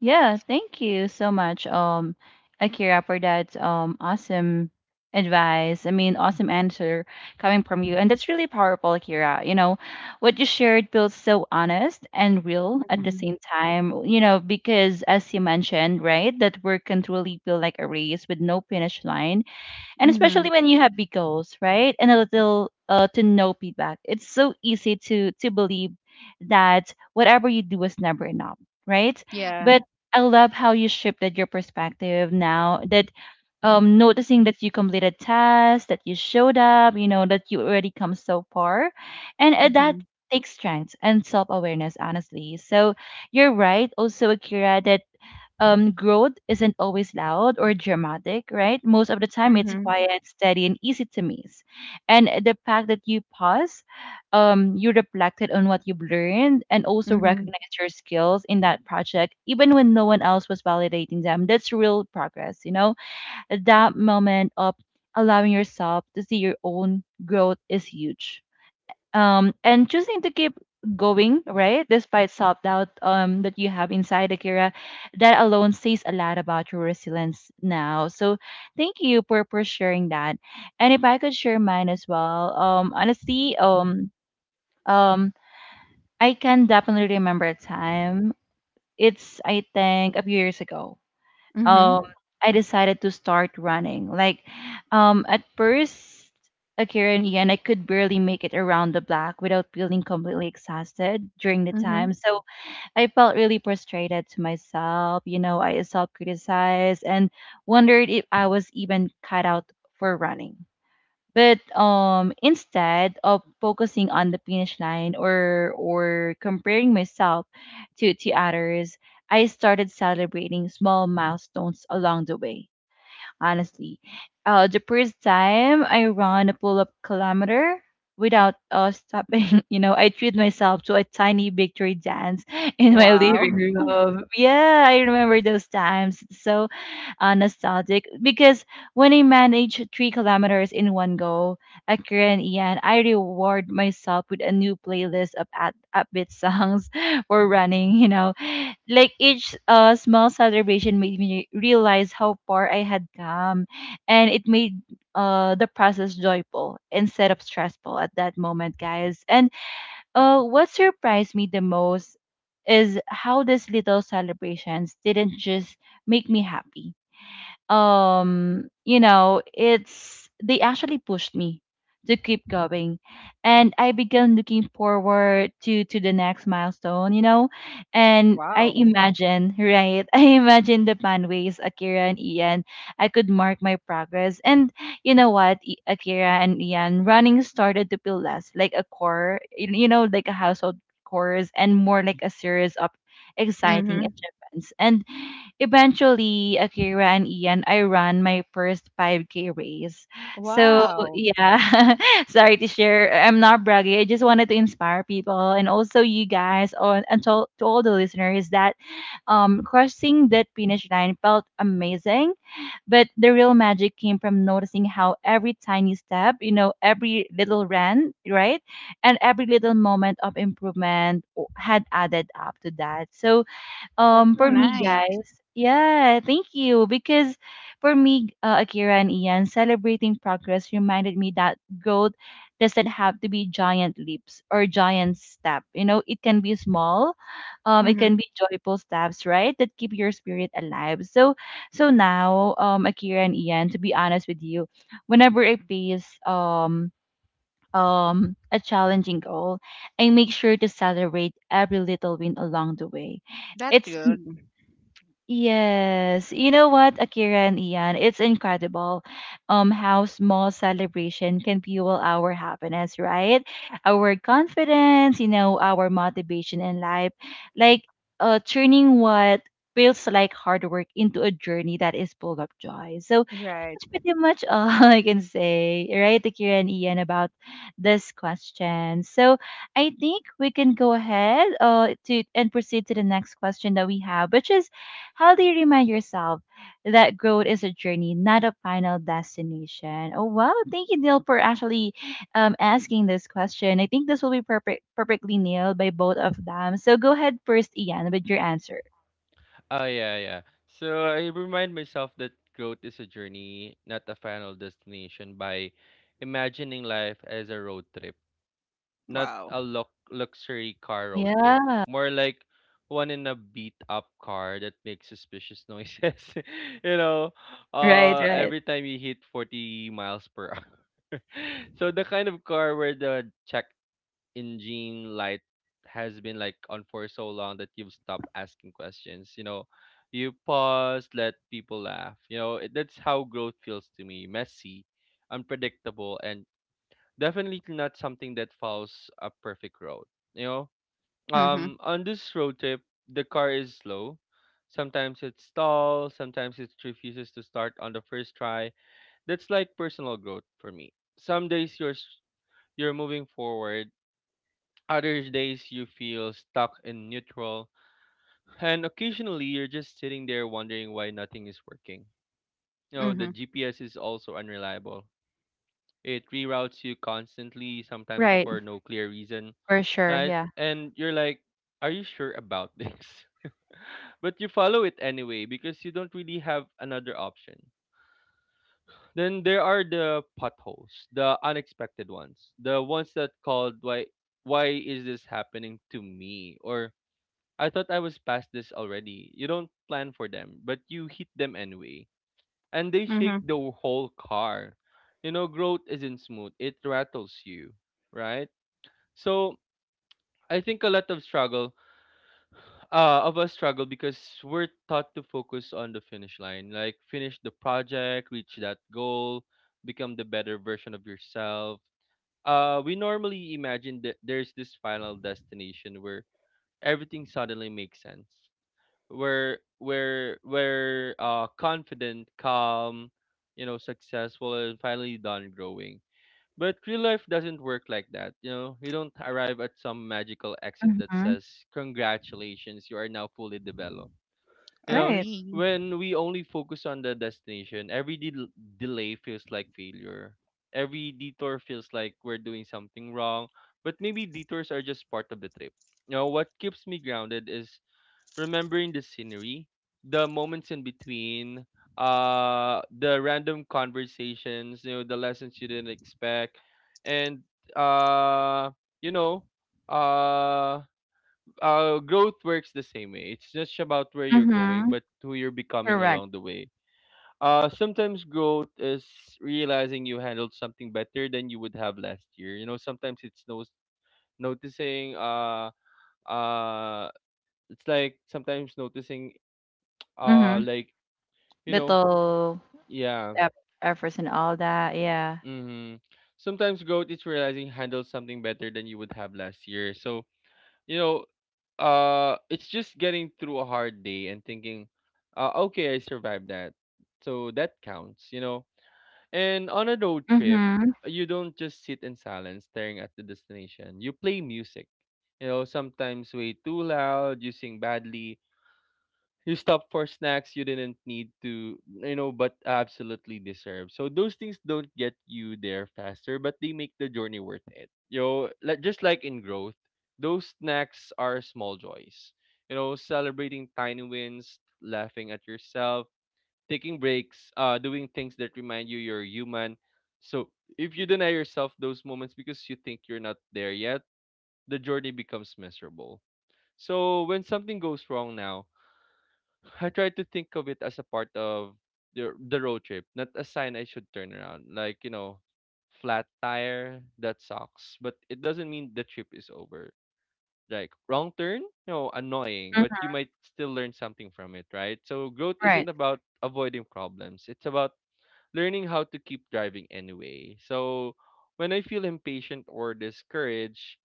Yeah, thank you so much, Akira, for that awesome advice. I mean, awesome answer coming from you, and that's really powerful, Akira. You know, what you shared feels so honest and real at the
Mm-hmm.
same time. You know, because as you mentioned, right, that work can truly feel like a race with no finish line and
Mm-hmm.
especially when you have big goals, right? And a little to no feedback. It's so easy to believe that whatever you do is never enough, right?
Yeah.
But I love how you shifted your perspective now that noticing that you completed tasks, that you showed up, you know, that you already come so far. And
Mm-hmm.
that takes strength and self-awareness, honestly. So you're right also, Akira, that growth isn't always loud or dramatic, right? Most of the time, it's
Mm-hmm.
quiet, steady, and easy to miss. And the fact that you pause, you reflected on what you've learned and also
Mm-hmm.
recognized your skills in that project, even when no one else was validating them. That's real progress, you know? That moment of allowing yourself to see your own growth is huge, and choosing to keep going right despite self-doubt, that you have inside, Akira, that alone says a lot about your resilience now. So thank you for sharing that. And if I could share mine as well, honestly, um I can definitely remember a time. It's I think a few years ago. um
Mm-hmm.
I decided to start running. Like at first, Akira and Ian, I could barely make it around the block without feeling completely exhausted during the time.
Mm-hmm.
So I felt really frustrated to myself. You know, I self criticized and wondered if I was even cut out for running. But instead of focusing on the finish line or comparing myself to others, I started celebrating small milestones along the way. Honestly, the first time I ran a pull-up kilometer without stopping, you know, I treat myself to a tiny victory dance in my living
Wow.
room. Yeah, I remember those times. So nostalgic because when I manage 3 kilometers in one go at Korean Ian, I reward myself with a new playlist of at upbeat songs for running. You know, like each small celebration made me realize how far I had come, and it made the process joyful instead of stressful at that moment, guys. And what surprised me the most is how these little celebrations didn't just make me happy, you know, it's they actually pushed me to keep going, and I began looking forward to the next milestone, you know. And I
wow.
imagine, right, I imagine the pathways, Akira and Ian, I could mark my progress. And you know what, Akira and Ian, running started to feel less like a core, you know, like a household chores and more like a series of exciting
Mm-hmm.
achievements. And eventually, Akira and Ian, I ran my first 5K race. So
Wow.
yeah, sorry to share. I'm not bragging. I just wanted to inspire people and also you guys on and to all the listeners that crossing that finish line felt amazing. But the real magic came from noticing how every tiny step, you know, every little run, right? And every little moment of had added up to that. So
That's so
for me,
nice.
guys, yeah, thank you. Because for me, Akira and Ian, celebrating progress reminded me that growth doesn't have to be giant leaps or giant step. You know, it can be small. It
Mm-hmm.
can be joyful steps, right? That keep your spirit alive. So, so now, Akira and Ian, to be honest with you, whenever I face a challenging goal, I make sure to celebrate every little win along the way.
That's
It's
good.
yes. You know what, Akira and Ian? It's incredible how small celebration can fuel our happiness, right? Our confidence, you know, our motivation in life. Like turning what feels like hard work into a journey that is full of joy. So
Right.
that's pretty much all I can say, right, Akira and Ian, about this question. So I think we can go ahead to and proceed to the next question that we have, which is how do you remind yourself that growth is a journey, not a final destination? Oh, wow. Thank you, Neil, for actually asking this question. I think this will be perfectly nailed by both of them. So go ahead first, Ian, with your answer.
Oh yeah, yeah. So I remind myself that growth is a journey, not a final destination, by imagining life as a road trip. Not
Wow.
a luxury car road trip.
Yeah.
More like one in a beat up car that makes suspicious noises. You know,
Right, right.
every time you hit 40 miles per hour. So the kind of car where the check engine light has been like on for so long that you've stopped asking questions. You know, you pause, let people laugh. You know, it, that's how growth feels to me. Messy, unpredictable, and definitely not something that follows a perfect road. You know,
Mm-hmm.
on this road trip, the car is slow. Sometimes it stalls. Sometimes it refuses to start on the first try. That's like personal growth for me. Some days you're moving forward. Other days you feel stuck in neutral, and occasionally you're just sitting there wondering why nothing is working. You know, the
Mm-hmm.
GPS is also unreliable. It reroutes you constantly, sometimes
Right,
for no clear reason,
for sure.
right?
Yeah.
And you're like, are you sure about this? But you follow it anyway because you don't really have another option. Then there are the potholes, the unexpected ones, the ones that called, why is this happening to me, or I thought I was past this already. You don't plan for them, but you hit them anyway. And they shake the
Mm-hmm.
whole car. You know, growth isn't smooth. It rattles you, right? So, I think a lot of struggle of a struggle because we're taught to focus on the finish line, like finish the project, reach that goal, become the better version of yourself. We normally imagine that there's this final destination where everything suddenly makes sense, where confident, calm, you know, successful, and finally done growing. But real life doesn't work like that. You know, you don't arrive at some magical exit that
Mm-hmm.
says, congratulations, you are now fully developed. You know,
Right.
Agree.
when we only focus on the destination, every delay feels like failure. Every detour feels like we're doing something wrong. But maybe detours are just part of the trip. You know, what keeps me grounded is remembering the scenery, the moments in between, the random conversations, you know, the lessons you didn't expect, and uh, you know, uh, growth works the same way. It's just about where you're going,
Mm-hmm.
but who you're becoming
Correct.
along the way. Sometimes growth is realizing you handled something better than you would have last year. You know, sometimes it's no noticing uh it's like sometimes noticing. uh
Mm-hmm.
like you know
Little
yeah.
eff- efforts and all that. Yeah.
Mm-hmm. Sometimes growth is realizing handled something better than you would have last year. So, you know, it's just getting through a hard day and thinking, okay, I survived that, so that counts, you know. And on a road trip,
Mm-hmm.
you don't just sit in silence staring at the destination. You play music, you know, sometimes way too loud. You sing badly, you stopped for snacks you didn't need to, you know, but absolutely deserve. So those things don't get you there faster, but they make the journey worth it. You know, like, just like in growth, those snacks are small joys. You know, celebrating tiny wins, laughing at yourself, taking breaks, doing things that remind you you're human. So if you deny yourself those moments because you think you're not there yet, the journey becomes miserable. So when something goes wrong now, I try to think of it as a part of the road trip, not a sign I should turn around. Like, you know, flat tire, that sucks. But it doesn't mean the trip is over. Like, wrong turn? No, annoying, but you might still learn something from it, right? So growth isn't
Right.
about avoiding problems. It's about learning how to keep driving anyway. So when I feel impatient or discouraged,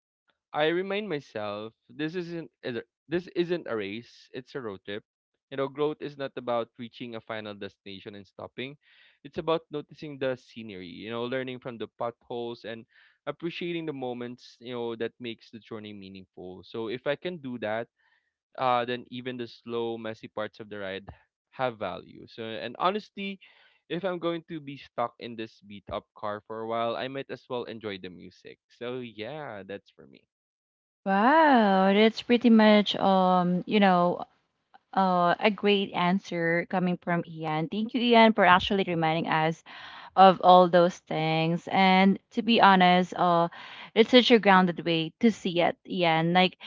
I remind myself, this isn't a race, it's a road trip. You know, growth is not about reaching a final destination and stopping. It's about noticing the scenery, you know, learning from the potholes and appreciating the moments, you know, that makes the journey meaningful. So if I can do that, then even the slow, messy parts of the ride have value. So and honestly, if I'm going to be stuck in this beat up car for a while, I might as well enjoy the music. So yeah, that's for me.
Wow, that's pretty much you know, a great answer coming from Ian. Thank you, Ian, for actually reminding us of all those things. And to be honest, it's such a grounded way to see it. Yeah, and like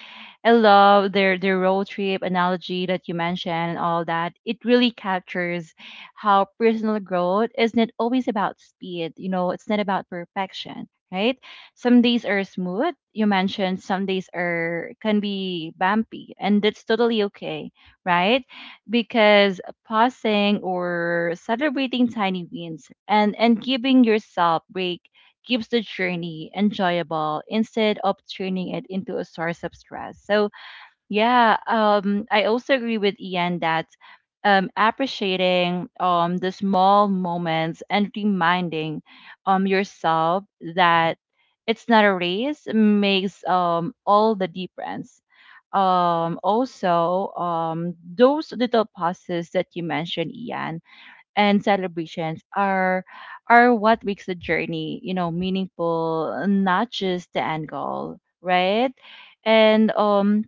I love their road trip analogy that you mentioned and all that. It really captures how personal growth isn't always about speed. You know, it's not about perfection, right? Some days are smooth. You mentioned some days are can be bumpy, and that's totally okay, right? Because pausing or celebrating tiny wins and giving yourself break keeps the journey enjoyable instead of turning it into a source of stress. So yeah, I also agree with Ian that appreciating the small moments and reminding yourself that it's not a race makes all the difference. Also, those little pauses that you mentioned, Ian, and celebrations are what makes the journey, meaningful, not just the end goal, right? And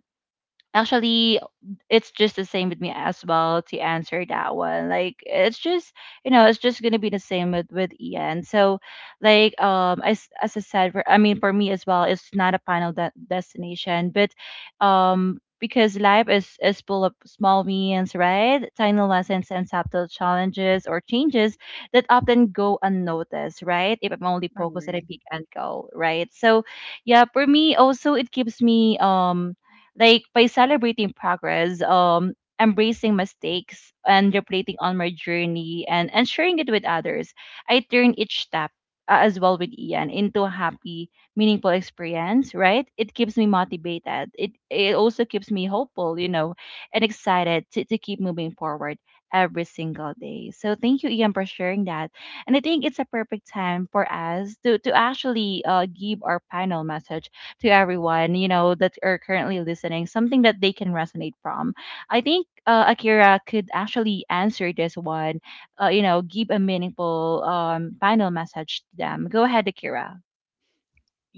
Actually, it's just the same with me as well to answer that one. Like it's just you know it's just gonna be the same with Ian. So like as I said, for, I mean for me as well, it's not a final destination, but because life is full of small wins, right? Tiny lessons and subtle challenges or changes that often go unnoticed, right? If I'm only focused at a
Agree.
peak and goal, right? So yeah, for me also it gives me like by celebrating progress, embracing mistakes, and reflecting on my journey and sharing it with others, I turn each step as well with Ian into a happy, meaningful experience, right? It keeps me motivated. It also keeps me hopeful, you know, and excited to keep moving forward every single day. So thank you, Ian, for sharing that. And I think it's a perfect time for us to actually give our final message to everyone, you know, that are currently listening, something that they can resonate from. I think Akira could actually answer this one, you know, give a meaningful final message to them. Go ahead, Akira.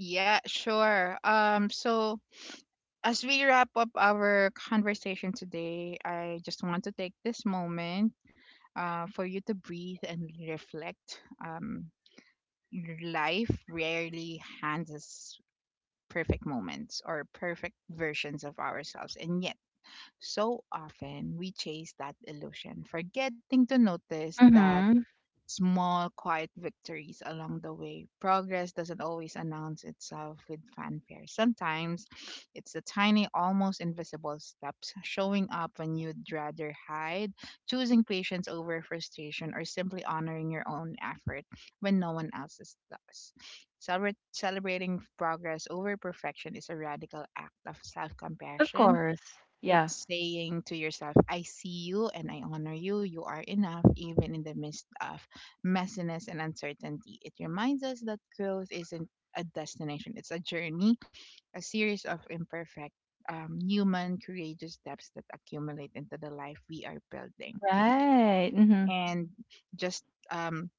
Yeah, sure. So as we wrap up our conversation today, I just want to take this moment for you to breathe and reflect. Life rarely hands us perfect moments or perfect versions of ourselves. And yet, so often we chase that illusion, forgetting to notice that
Mm-hmm.
small, quiet victories along the way. Progress doesn't always announce itself with fanfare. Sometimes it's the tiny, almost invisible steps showing up when you'd rather hide, choosing patience over frustration, or simply honoring your own effort when no one else's does. Celebrating progress over perfection is a radical act of self
Of
compassion
course. Yeah.
it's saying to yourself, I see you and I honor you. You are enough, even in the midst of messiness and uncertainty. It reminds us that growth isn't a destination, it's a journey, a series of imperfect, human, courageous steps that accumulate into the life we are building.
Right. Mm-hmm.
And just um,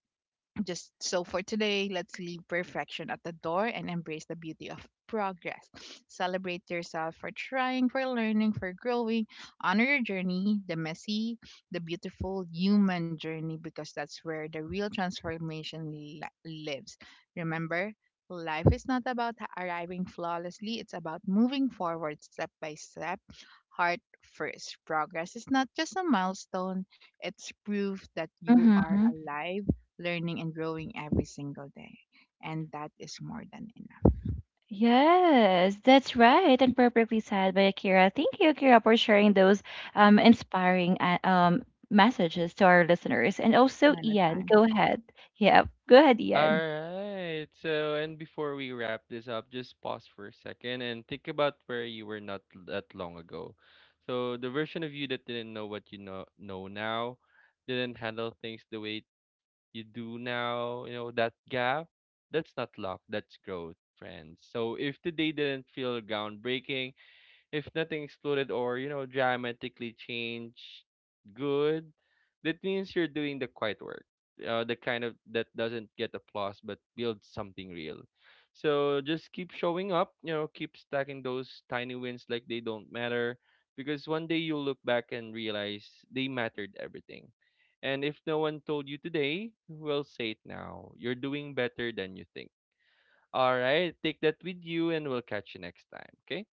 just so for today, let's leave perfection at the door and embrace the beauty of progress. Celebrate yourself for trying, for learning, for growing. Honor your journey, the messy, the beautiful human journey, because that's where the real transformation lives. Remember, life is not about arriving flawlessly, it's about moving forward step by step. Heart first. Progress is not just a milestone, it's proof that you are
Mm-hmm.
alive learning and growing every single day. And that is more than enough.
Yes, that's right, and perfectly said by Akira. Thank you, Akira, for sharing those inspiring messages to our listeners. And also,
Ano
Ian,
tayo?
go ahead. Yeah, go ahead, Ian.
Alright. So, and before we wrap this up, just pause for a second and think about where you were not that long ago. So, the version of you that didn't know what you know now, didn't handle things the way you do now, you know, that gap, that's not luck, that's growth, friends. So, if today didn't feel groundbreaking, if nothing exploded or, you know, dramatically changed, good. That means you're doing the quiet work. The kind of that doesn't get applause but builds something real. So just keep showing up, you know, keep stacking those tiny wins like they don't matter because one day you'll look back and realize they mattered everything. And if no one told you today, well, say it now. You're doing better than you think. All right, take that with you and we'll catch you next time. Okay?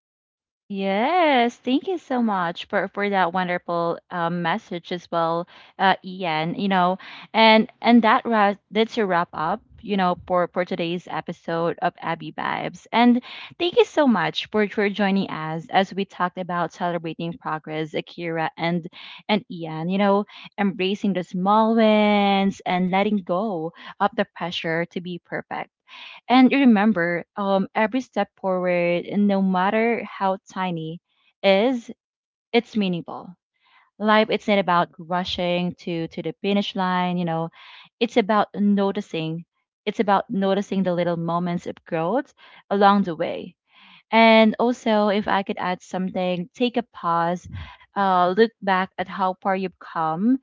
Yes, thank you so much for that wonderful message as well, Ian. You know, and that that's a wrap up. You know, for today's episode of Abby Vibes, and thank you so much for joining us as we talked about celebrating progress, Akira and Ian. You know, embracing the small wins and letting go of the pressure to be perfect. And remember, every step forward, no matter how tiny, is it's meaningful. Life, it's not about rushing to the finish line. You know, it's about noticing. It's about noticing the little moments of growth along the way. And also, if I could add something, take a pause, look back at how far you've come,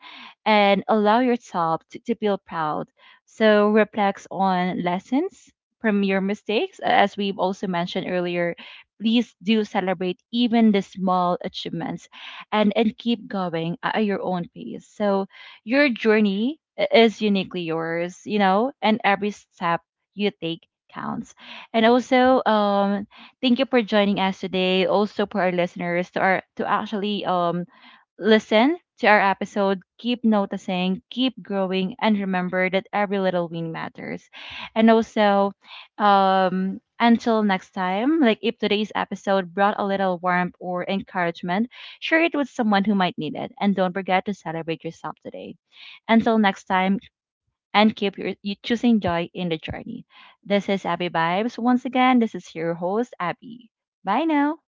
and allow yourself to feel proud. So, reflect on lessons from your mistakes. As we've also mentioned earlier, please do celebrate even the small achievements and keep going at your own pace. So, your journey is uniquely yours, you know, and every step you take counts. And also, thank you for joining us today. Also for our listeners to our to actually listen to our episode, keep noticing, keep growing, and remember that every little win matters. And also, until next time, like if today's episode brought a little warmth or encouragement, share it with someone who might need it. And don't forget to celebrate yourself today. Until next time, and keep your, you choosing joy in the journey. This is Abby Vibes. Once again, this is your host, Abby. Bye now.